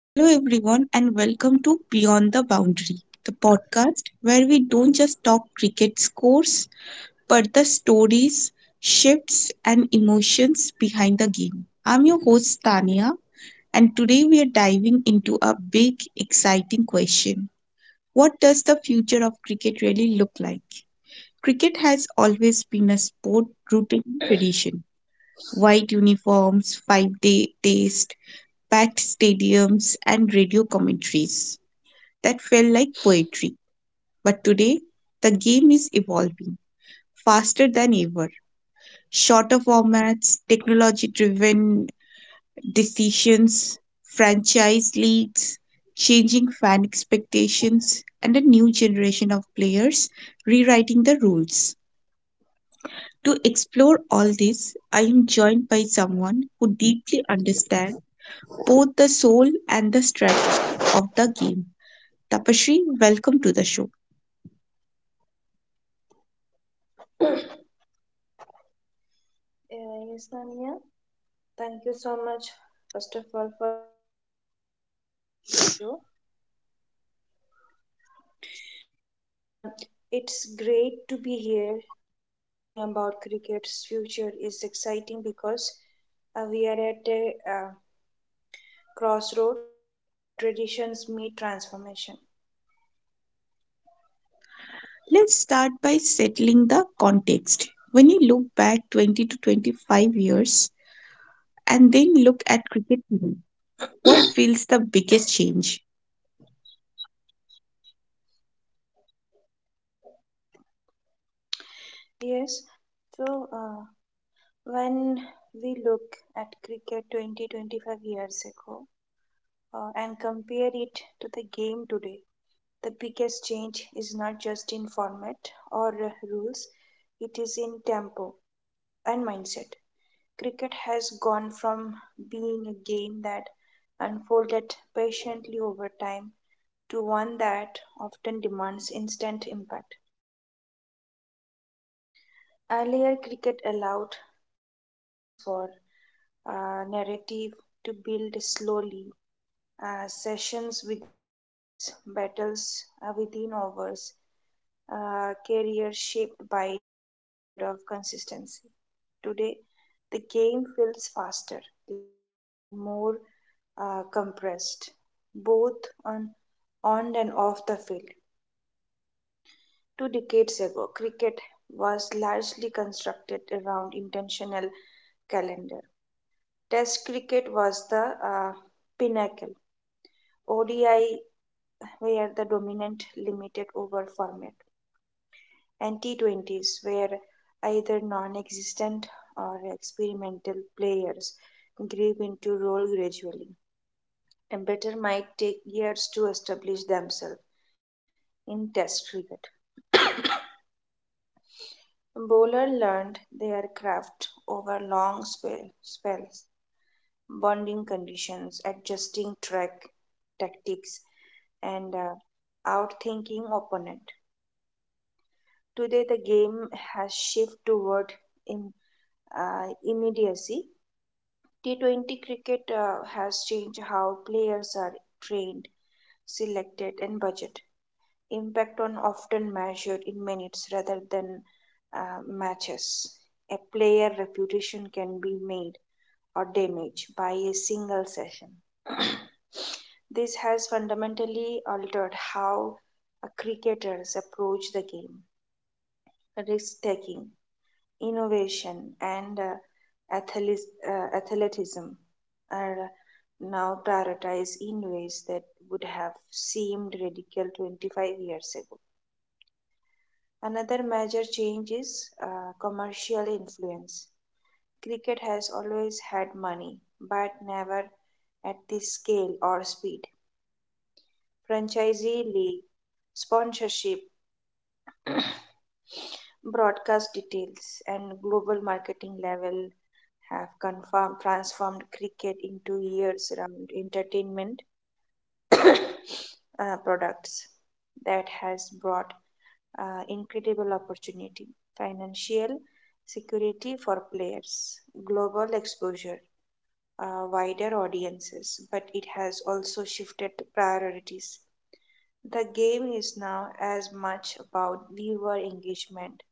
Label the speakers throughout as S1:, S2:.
S1: Hello, everyone, and welcome to Beyond the Boundary, the podcast where we don't just talk cricket scores, but the stories, shifts, and emotions behind the game. I'm your host, Tania, and today we are diving into a big, exciting question. What does the future of cricket really look like? Cricket has always been a sport rooted in tradition. White uniforms, 5 day taste, packed stadiums, and radio commentaries that felt like poetry. But today, the game is evolving faster than ever. Shorter formats, technology driven decisions, franchise leagues, changing fan expectations, and a new generation of players rewriting the rules. To explore all this, I am joined by someone who deeply understands both the soul and the strategy of the game. Tapashri, welcome to the show.
S2: Yes, Sania, thank you so much, first of all, for inviting to your show. And It's great to be here talking about cricket's future is exciting because we are at a crossroads where traditions meet transformation.
S1: Let's start by settling the context. When you look back 20 to 25 years and then look at cricket today, what feels the biggest change?
S2: Yes, so uh, when we look at cricket 20 25 years ago and compare it to the game today, the biggest change is not just in format or rules, it is in tempo and mindset. Cricket has gone from being a game that unfolded patiently over time to one that often demands instant impact. Earlier, cricket allowed space for narrative to build slowly, sessions within days, battles within hours, career shaped by long period of consistency. Today, the game feels faster, louder, and more compressed, both on on and off the field. Two decades ago, cricket was largely constructed around intentional calendar. Test cricket was the pinnacle. ODI were the dominant limited over format, and T20s were either non existent or experimental players grew into role gradually. A batter might take years to establish themselves in Test cricket. Bowler learned their craft over spells, bonding conditions, adjusting track tactics, and outthinking opponent. Today, the game has shifted toward in, immediacy. T20 cricket has changed how players are trained, selected, and budget. Impact on often measured in minutes rather than matches. A player reputation can be made or damaged by a single session. This has fundamentally altered how cricketers approach the game. Risk taking innovation and athleticism are now prioritized in ways that would have seemed radical 25 years ago. Another major change is commercial influence. Cricket has always had money, but never at this scale or speed. Franchisee league, sponsorship, broadcast details and global marketing level have transformed cricket into years-round entertainment products that has brought incredible opportunity, financial security for players, global exposure, wider audiences, but it has also shifted priorities. The game is now as much about viewer engagement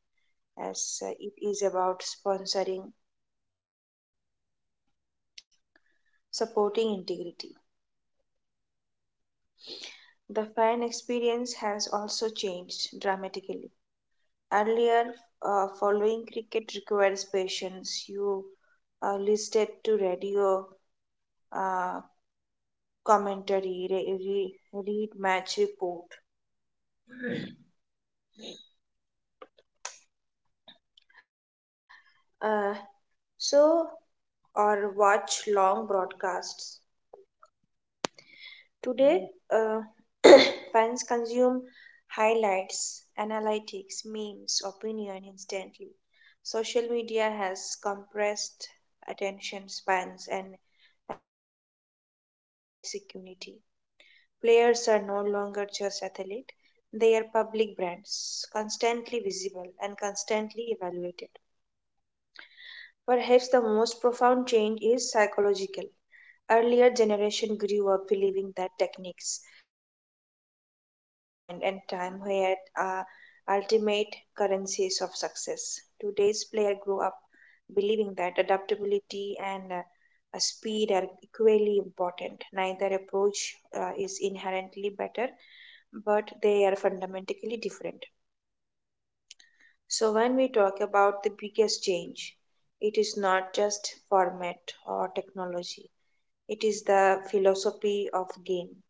S2: as it is about sponsoring, supporting integrity. The fan experience has also changed dramatically. Earlier, following cricket requires patience. You listed to radio uh, commentary, read match report, uh, so or watch long broadcasts. Today, uh, fans consume highlights, analytics, memes, opinion instantly. Social media has compressed attention spans and amplified security. Players are no longer just athletes, they are public brands, constantly visible and constantly evaluated. Perhaps the most profound change is psychological. Earlier generation grew up believing that techniques, temperament, and time were uh, ultimate currencies of success. Today's player grow up believing that adaptability and speed are equally important. Neither approach is inherently better, but they are fundamentally different. So, when we talk about the biggest change, it is not just format or technology, it is the philosophy of game.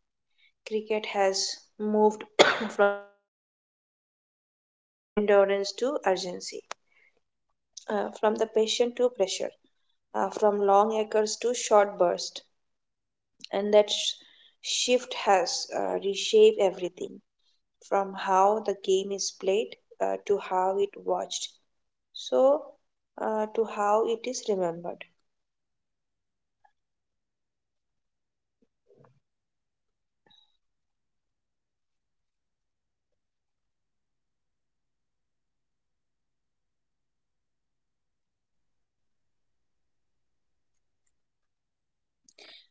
S2: Cricket has moved from endurance to urgency, from the passion to pressure, from long acres to short bursts, and shift has reshaped everything from how the game is played to how it watched so to how it is remembered.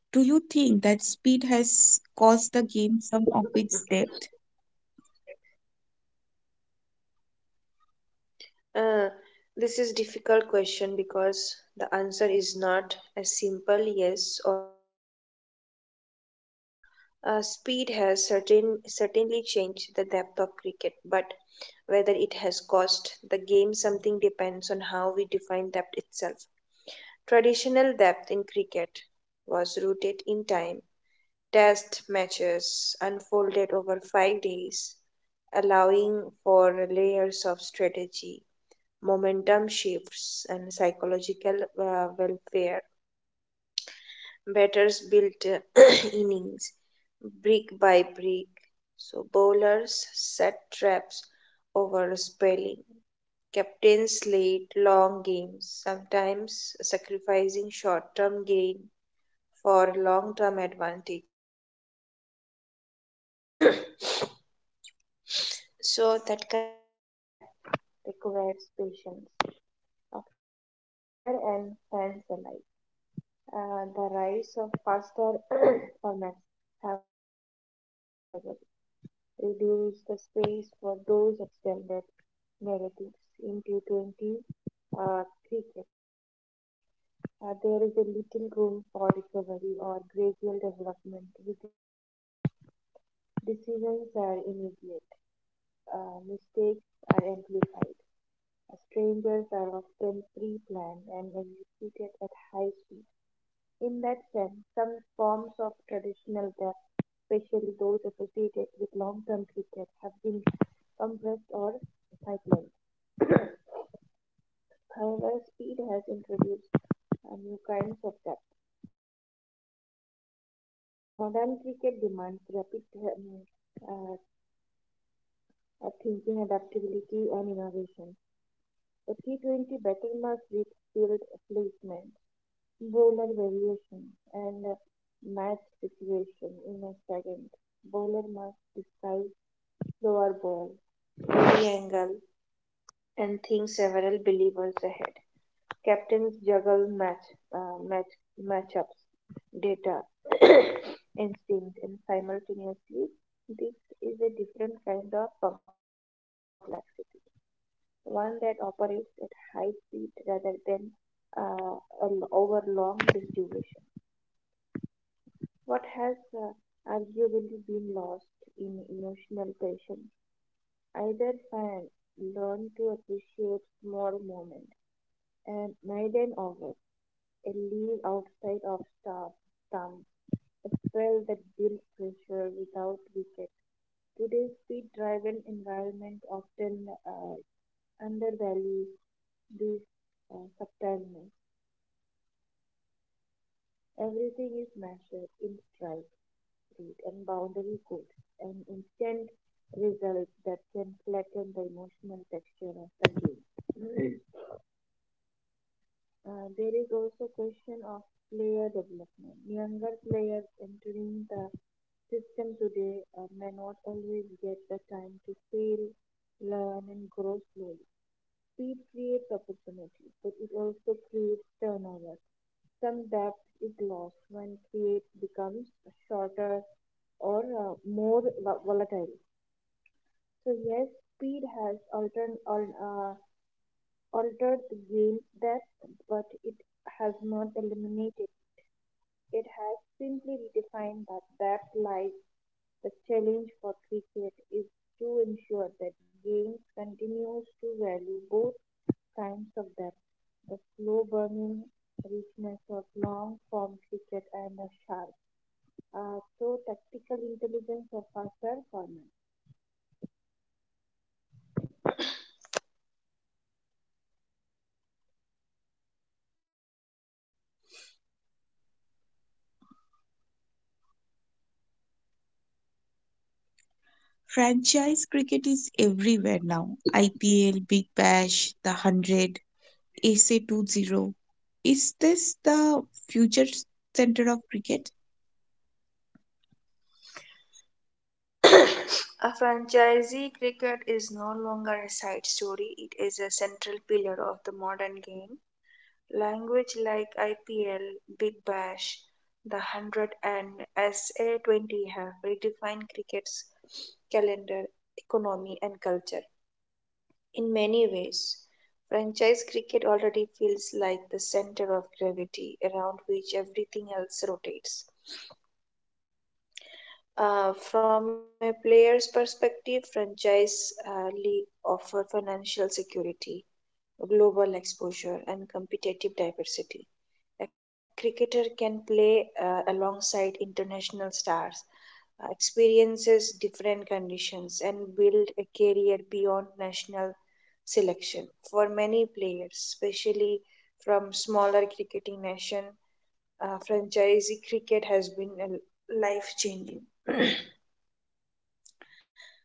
S1: Do you think that speed has caused the game some of its depth?
S2: Uh, this is difficult question because the answer is not a simple yes or no. Speed has certainly changed the depth of cricket, but whether it has cost the game something depends on how we define depth itself. Traditional depth in cricket was rooted in time. Test matches unfolded over 5 days, allowing for layers of strategy momentum shifts, and psychological welfare. Batters built innings brick by brick, so bowlers set traps over spelling. Captains led long games, sometimes sacrificing short term gain for long term advantage. So, that kind of depth requires patience from player and fans alike. The rise of faster formats have the inevitable reduced the space for those extended narratives in T20 cricket. There is a little room for recovery or gradual development within match. Decisions are immediate. Mistakes are amplified. Strangers are often pre-planned and executed at high speed. In that sense, some forms of traditional debt, especially those associated with long-term cricket, have been compressed or sidelined. However, speed has introduced new kinds of debt. Modern cricket demands rapid uh, thinking, adaptability, and innovation. A T20 batter must read field placement Bowler variation and match situation in a second. Bowler must decide slower ball, heavy angle, and think several believers ahead. Captains juggle uh, match matchups, data, instinct, and simultaneously. This is a different kind of complexity, one that operates at high speed rather than uh, over long duration. What has arguably been lost in emotional passion? Either fan learned to appreciate small moments and made an offer, a leave outside of staff, thumb, a spell that built pressure without wicket. Today's speed driven environment often uh, undervalues this subtileness. Everything is measured in stride. Street and boundary codes, an instant result that can flatten the emotional texture of the game. There is also question of player development. Younger players entering the system today may not always get the time to fail, learn, and grow slowly. Speed creates opportunity, but it also creates turnovers. Some depth is lost when create becomes shorter or volatile. So yes, speed has altered the game's depth, but it has not eliminated. It has simply redefined that lies the challenge for cricket is to ensure that games continues to value both kinds of depth, the slow burning richness of long form cricket and the sharp, tactical intelligence of faster format.
S1: Franchise cricket is everywhere now. IPL, Big Bash, the 100, SA 20. Is this the future center of cricket?
S2: A franchisee cricket is no longer a side story, it is a central pillar of the modern game. Language like IPL, Big Bash, The Hundred, and SA20 have redefined cricket's calendar, economy, and culture. In many ways, franchise cricket already feels like the center of gravity around which everything else rotates. From a player's perspective, franchise league offer financial security, global exposure, and competitive diversity. A cricketer can play alongside international stars, experiences different conditions, and build a career beyond national selection. For many players, especially from smaller cricketing nation, franchise cricket has been life changing.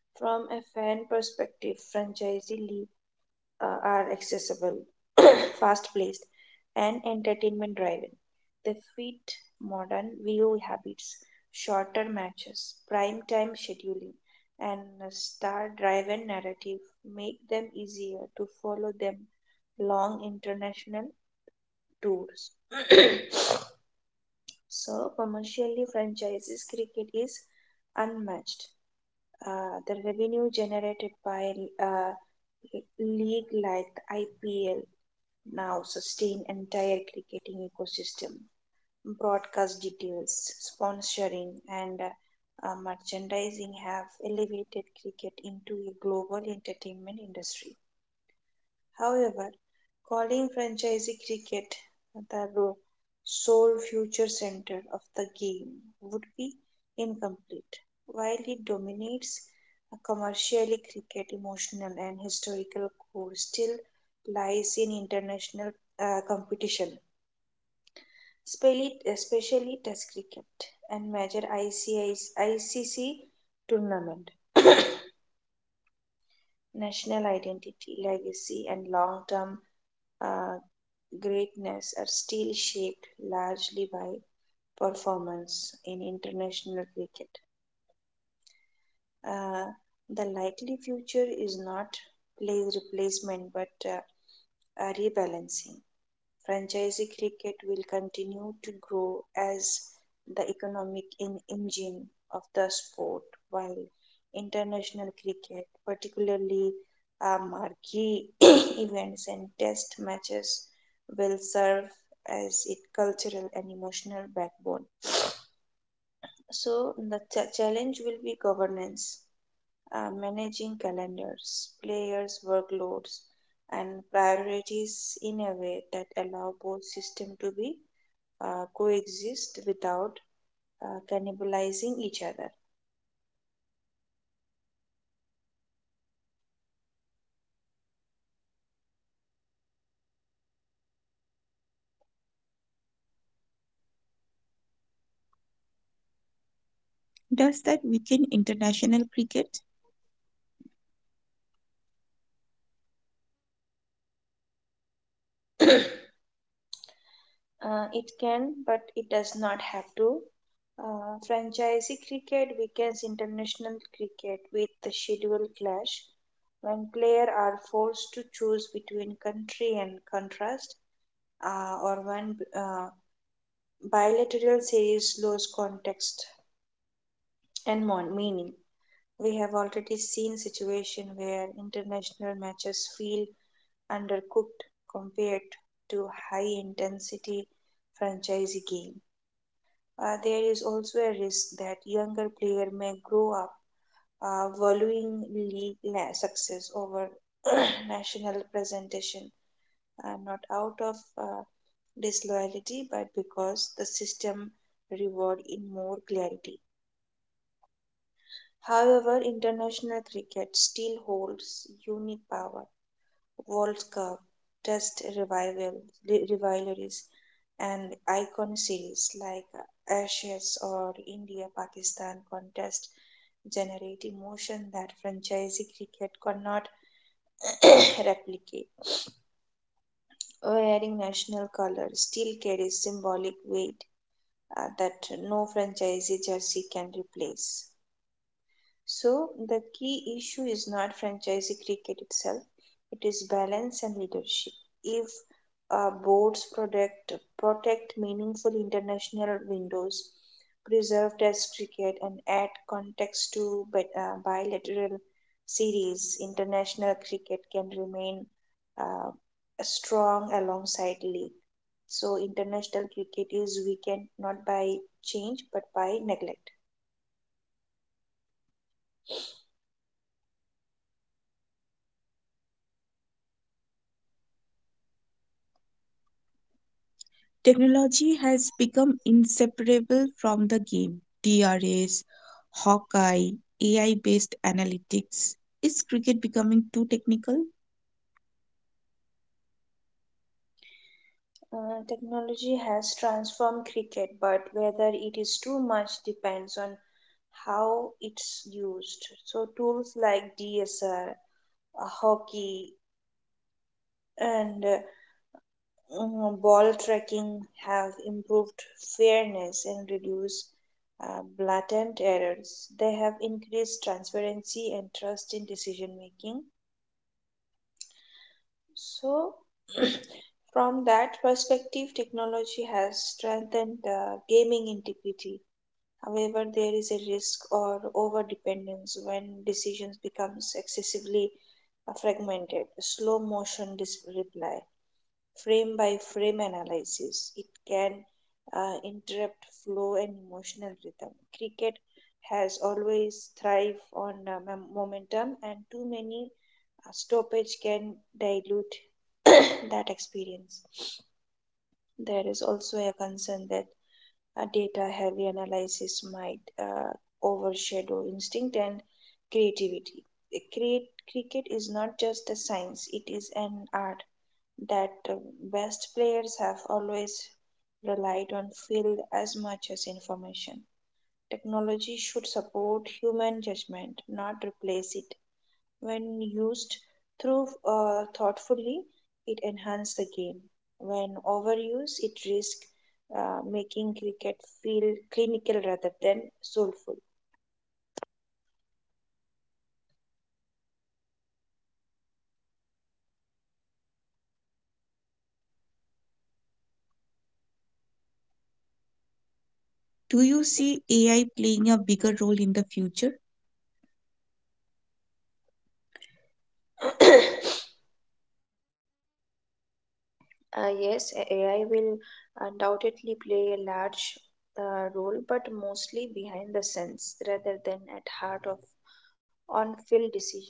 S2: From a fan perspective, franchisee league are accessible, fast-paced, and entertainment-driven. They fit modern view habits, shorter matches, prime-time scheduling, and star-driven narrative make them easier to follow than long international tours. So, commercially, franchises cricket is unmatched. The revenue generated by uh, league like the IPL now sustain entire cricketing ecosystem. Broadcast details, sponsoring, and merchandising have elevated cricket into a global entertainment industry. However, calling franchise cricket the sole future center of the game would be incomplete. While it dominates, a commercially cricket emotional and historical core still lies in international competition, especially Test cricket and major ICC tournament. National identity, legacy, and long-term uh, greatness are still shaped largely by performance in international cricket. Uh, the likely future is not plays replacement but a rebalancing. Franchise cricket will continue to grow as the economic engine of the sport, while international cricket, particularly marquee events and test matches, will serve as its cultural and emotional backbone. So challenge will be governance, managing calendars, players' workloads, and priorities in a way that allow both system to be coexist without cannibalizing each other.
S1: Does that weaken international cricket?
S2: It can, but it does not have to. Franchise cricket weakens international cricket with the schedule clash when players are forced to choose between country and contrast, or when bilateral series lose context and meaning. We have already seen situation where international matches feel undercooked compared to high intensity franchise game. There is also a risk that younger player may grow up valuing success over national presentation, not out of disloyalty but because the system reward in more clarity. However, international cricket still holds unique power World Cup, Test revival, rivalries, and icon series like Ashes or India Pakistan contest generate emotion that franchise cricket could not replicate. Wearing national colors still carries symbolic weight that no franchise jersey can replace. So the key issue is not franchise cricket itself, it is balance and leadership. If uh, boards protect, protect meaningful international windows, preserve test cricket, and add context to bilateral series, international cricket can remain uh, strong alongside league. So international cricket is weakened not by change but by neglect.
S1: Technology has become inseparable from the game. DRS, Hawkeye, AI based analytics. Is cricket becoming too technical?
S2: Technology has transformed cricket, but whether it is too much depends on how it's used. So, tools like DSR, hockey, and ball tracking have improved fairness and reduced blatant errors. They have increased transparency and trust in decision making. So, from that perspective, technology has strengthened gaming integrity. However, there is a risk or over-dependence when decisions becomes excessively fragmented. Slow motion reply, frame by frame analysis, it can interrupt flow and emotional rhythm. Cricket has always thrived on momentum, and too many stoppage can dilute that experience. There is also a concern that a data heavy analysis might overshadow instinct and creativity. Cricket is not just a science, it is an art that best players have always relied on field as much as information. Technology should support human judgment, not replace it. When used through thoughtfully, it enhances the game. When overused, it risks making cricket feel clinical rather than soulful.
S1: Do you see AI playing a bigger role in the future?
S2: Yes, AI will undoubtedly play a large role, but mostly behind the scenes rather than at heart of on-field decision.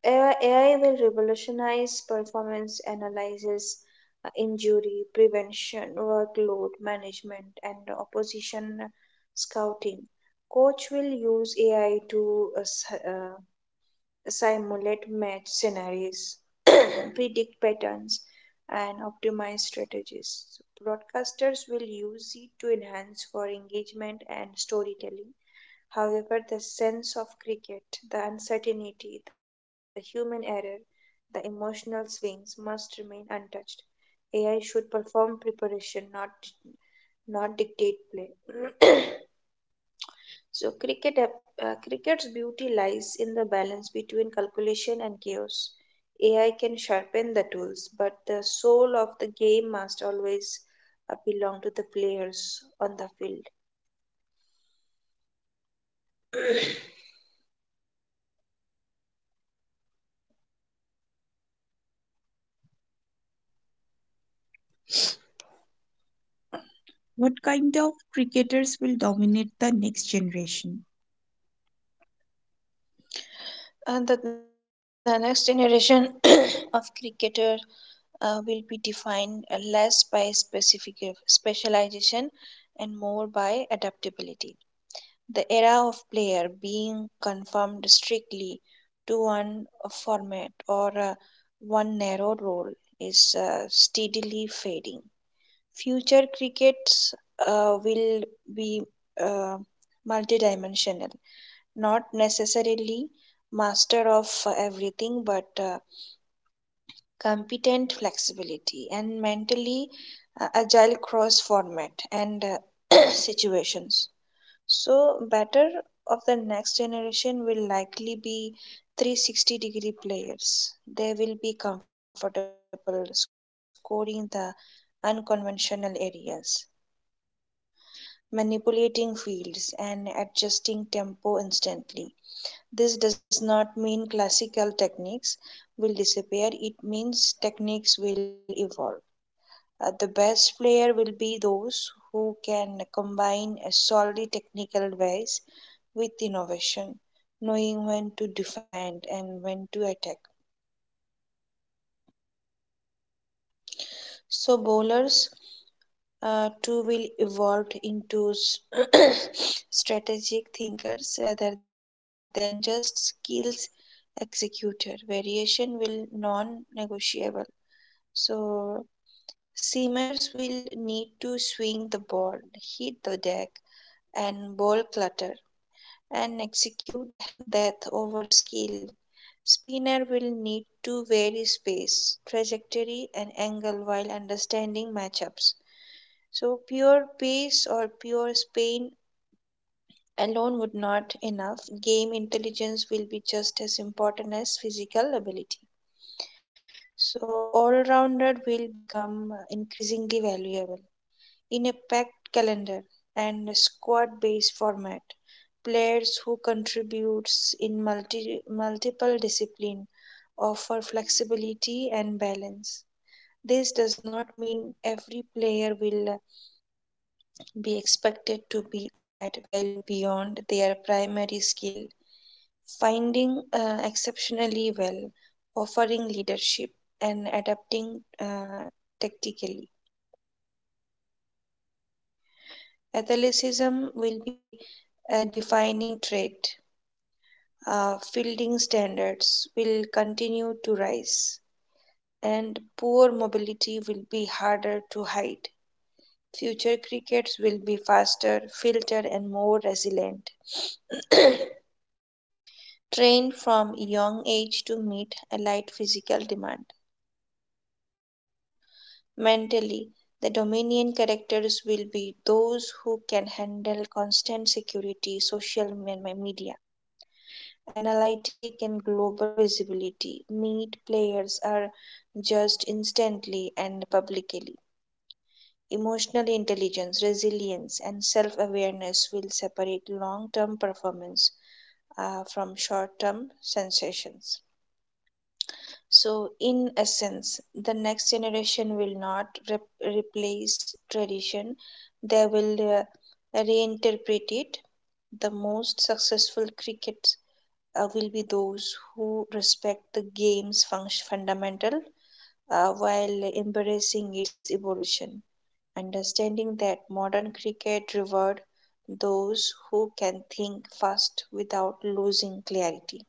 S2: AI will revolutionize performance analysis, injury prevention, workload management, and opposition scouting. Coach will use AI to simulate match scenarios, predict patterns, and optimize strategies. Broadcasters will use it to enhance for engagement and storytelling. However, the sense of cricket, the uncertainty, the human error, the emotional swings must remain untouched. AI should perform preparation, not dictate play. so cricket cricket's beauty lies in the balance between calculation and chaos. AI can sharpen the tools, but the soul of the game must always belong to the players on the field.
S1: What kind of cricketers will dominate the next generation?
S2: And the next generation of cricketer will be defined less by specific specialization and more by adaptability. The era of player being confined strictly to one format or one narrow role is steadily fading. Future crickets will be uh, multidimensional, not necessarily master of everything, but competent flexibility, and mentally agile cross format and situations. So, batter of the next generation will likely be 360-degree players. They will be comfortable scoring the unconventional areas, manipulating fields, and adjusting tempo instantly. This does not mean classical techniques will disappear, it means techniques will evolve. The best player will be those who can combine a solid technical advice with innovation, knowing when to defend and when to attack. So bowlers too will evolve into strategic thinkers rather than just skills executor. Variation will non-negotiable. So seamers will need to swing the ball, hit the deck, and ball clutter, and execute death over skill. Spinner will need to vary space, trajectory, and angle while understanding matchups. So pure pace or pure spin alone would not enough. Game intelligence will be just as important as physical ability. So all-rounder will become increasingly valuable in a packed calendar and squad based format. Players who contribute in multiple disciplines offer flexibility and balance. This does not mean every player will be expected to be add value beyond their primary skill finding exceptionally well, offering leadership, and adapting tactically. Athleticism will be a defining trait. Fielding standards will continue to rise, and poor mobility will be harder to hide. Future crickets will be faster, filtered, and more resilient. Trained from a young age to meet a light physical demand. Mentally, the Dominion characters will be those who can handle constant security, social media, analytic and global visibility. Meet players are judged instantly and publicly. Emotional intelligence, resilience, and self awareness will separate long term performance from short term sensations. So, in essence, the next generation will not replace tradition, they will reinterpret it. The most successful cricket will be those who respect the game's function fundamental while embracing its evolution, understanding that modern cricket reward those who can think fast without losing clarity.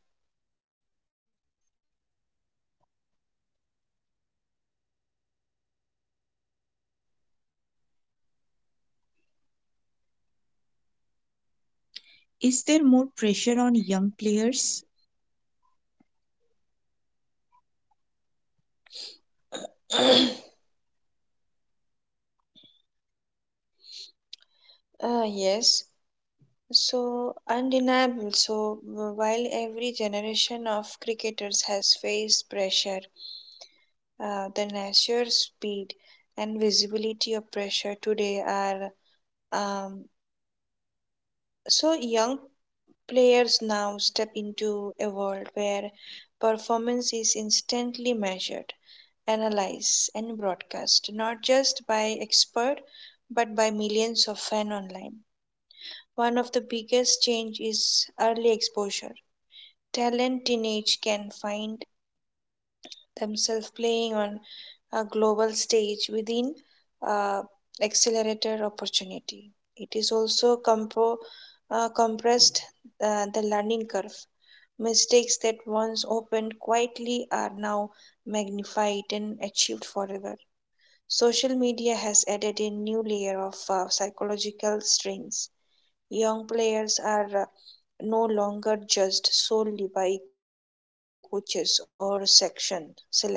S1: Is there more pressure on young players?
S2: Yes. So undeniable. So while every generation of cricketers has faced pressure, the nature, speed, and visibility of pressure today are. Um, so young players now step into a world where performance is instantly measured, analyzed, and broadcast, not just by expert but by millions of fans online. One of the biggest change is early exposure. Talent teenage can find themselves playing on a global stage within uh, accelerator opportunity. It is also compressed the learning curve. Mistakes that once opened quietly are now magnified and achieved forever. Social media has added a new layer of psychological strains. Young players are no longer judged solely by coaches or section selectors.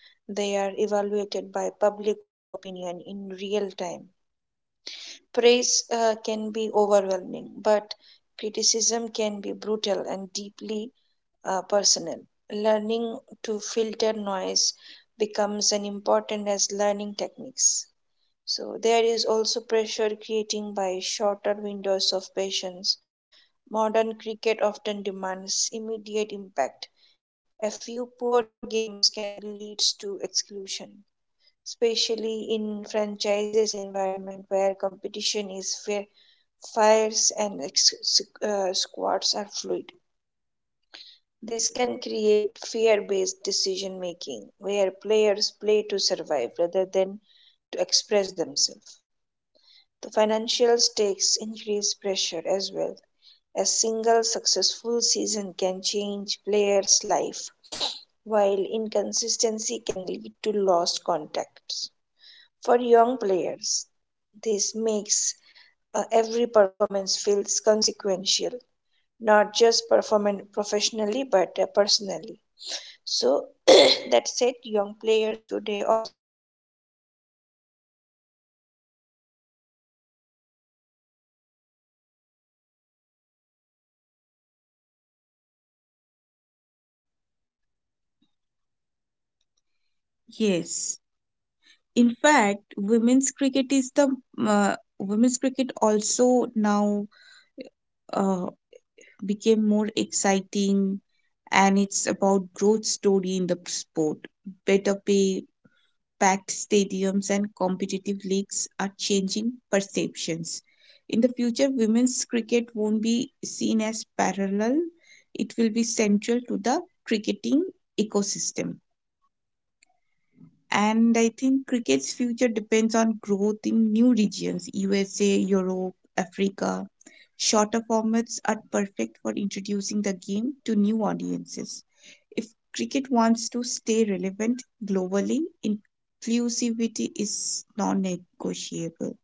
S2: They are evaluated by public opinion in real time. Praise can be overwhelming, but criticism can be brutal and deeply personal. Learning to filter noise becomes an important as learning techniques. So there is also pressure creating by shorter windows of patience. Modern cricket often demands immediate impact. A few poor games can lead to exclusion, especially in franchises environment where competition is fair, fires and squads are fluid. This can create fear-based decision making where players play to survive rather than to express themselves. The financial stakes increase pressure as well. A single successful season can change players' life, while inconsistency can lead to lost contacts. For young players, this makes every performance feels consequential, not just performance professionally but personally. So that said, young players today also have more support system, supports, psychologists, mentors, workload management, and performance analyzed are more accessible than ever. Those who learn
S1: Yes.
S2: to use these
S1: In
S2: resources
S1: fact, women's
S2: effectively
S1: cricket is the
S2: can manage pressure
S1: women's
S2: better
S1: cricket
S2: than previous
S1: also now
S2: generation.
S1: uh,
S2: So, yes,
S1: became
S2: the
S1: more
S2: pressure is
S1: exciting,
S2: greater,
S1: and
S2: but
S1: it's
S2: so
S1: about growth
S2: is
S1: story
S2: the
S1: in the sport.
S2: opportunity.
S1: Better
S2: The
S1: pay,
S2: challenge lies in
S1: packed
S2: ensuring
S1: stadiums
S2: that
S1: and
S2: young
S1: competitive
S2: cricketers
S1: leagues
S2: are
S1: are
S2: allowed to
S1: changing
S2: grow
S1: perceptions.
S2: as
S1: In the
S2: humans,
S1: future,
S2: not
S1: women's
S2: just
S1: cricket won't
S2: performers.
S1: be seen as
S2: Talent
S1: parallel.
S2: survives
S1: It will be
S2: pressure
S1: central
S2: only
S1: to
S2: when
S1: the
S2: it matches
S1: cricketing
S2: matched with
S1: ecosystem.
S2: care. Care.
S1: And I think cricket's future depends on growth in new regions, USA, Europe, Africa. Shorter formats are perfect for introducing the game to new audiences. If cricket wants to stay relevant globally, inclusivity is non negotiable.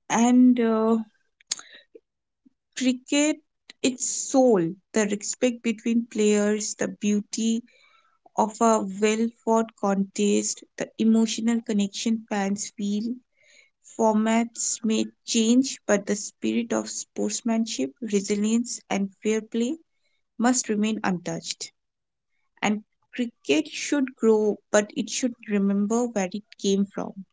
S1: And cricket, its soul, the respect
S2: yes,
S1: between
S2: Tania.
S1: players, the beauty of a well fought contest, the emotional connection fans feel. Formats may change, but the spirit of sportsmanship, resilience, and fair play must remain untouched. And cricket should grow, but it should remember where it came from.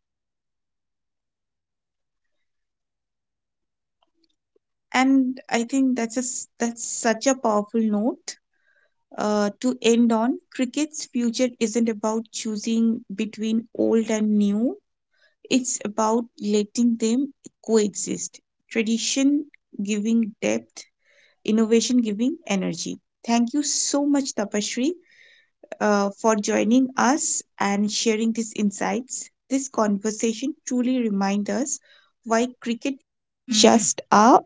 S2: Tania, am I audible to you?
S1: And I think that's that's such a powerful note to end on. Cricket's future isn't about choosing between old and new, it's about letting them coexist. Tradition giving depth, innovation giving energy. Thank you so much, Tapashri, for joining us and sharing these insights. This conversation truly reminds us why cricket is just a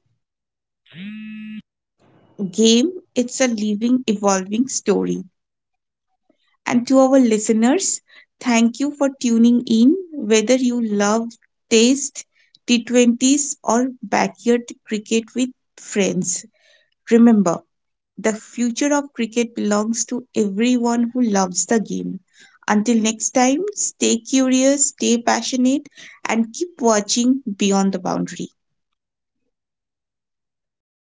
S1: game, it's a living, evolving story. And to our listeners, thank you for tuning in, whether you love taste, T20s, or backyard cricket with friends. Remember, the future of cricket belongs to everyone who loves the game. Until next time, stay curious, stay passionate, and keep watching beyond the boundary.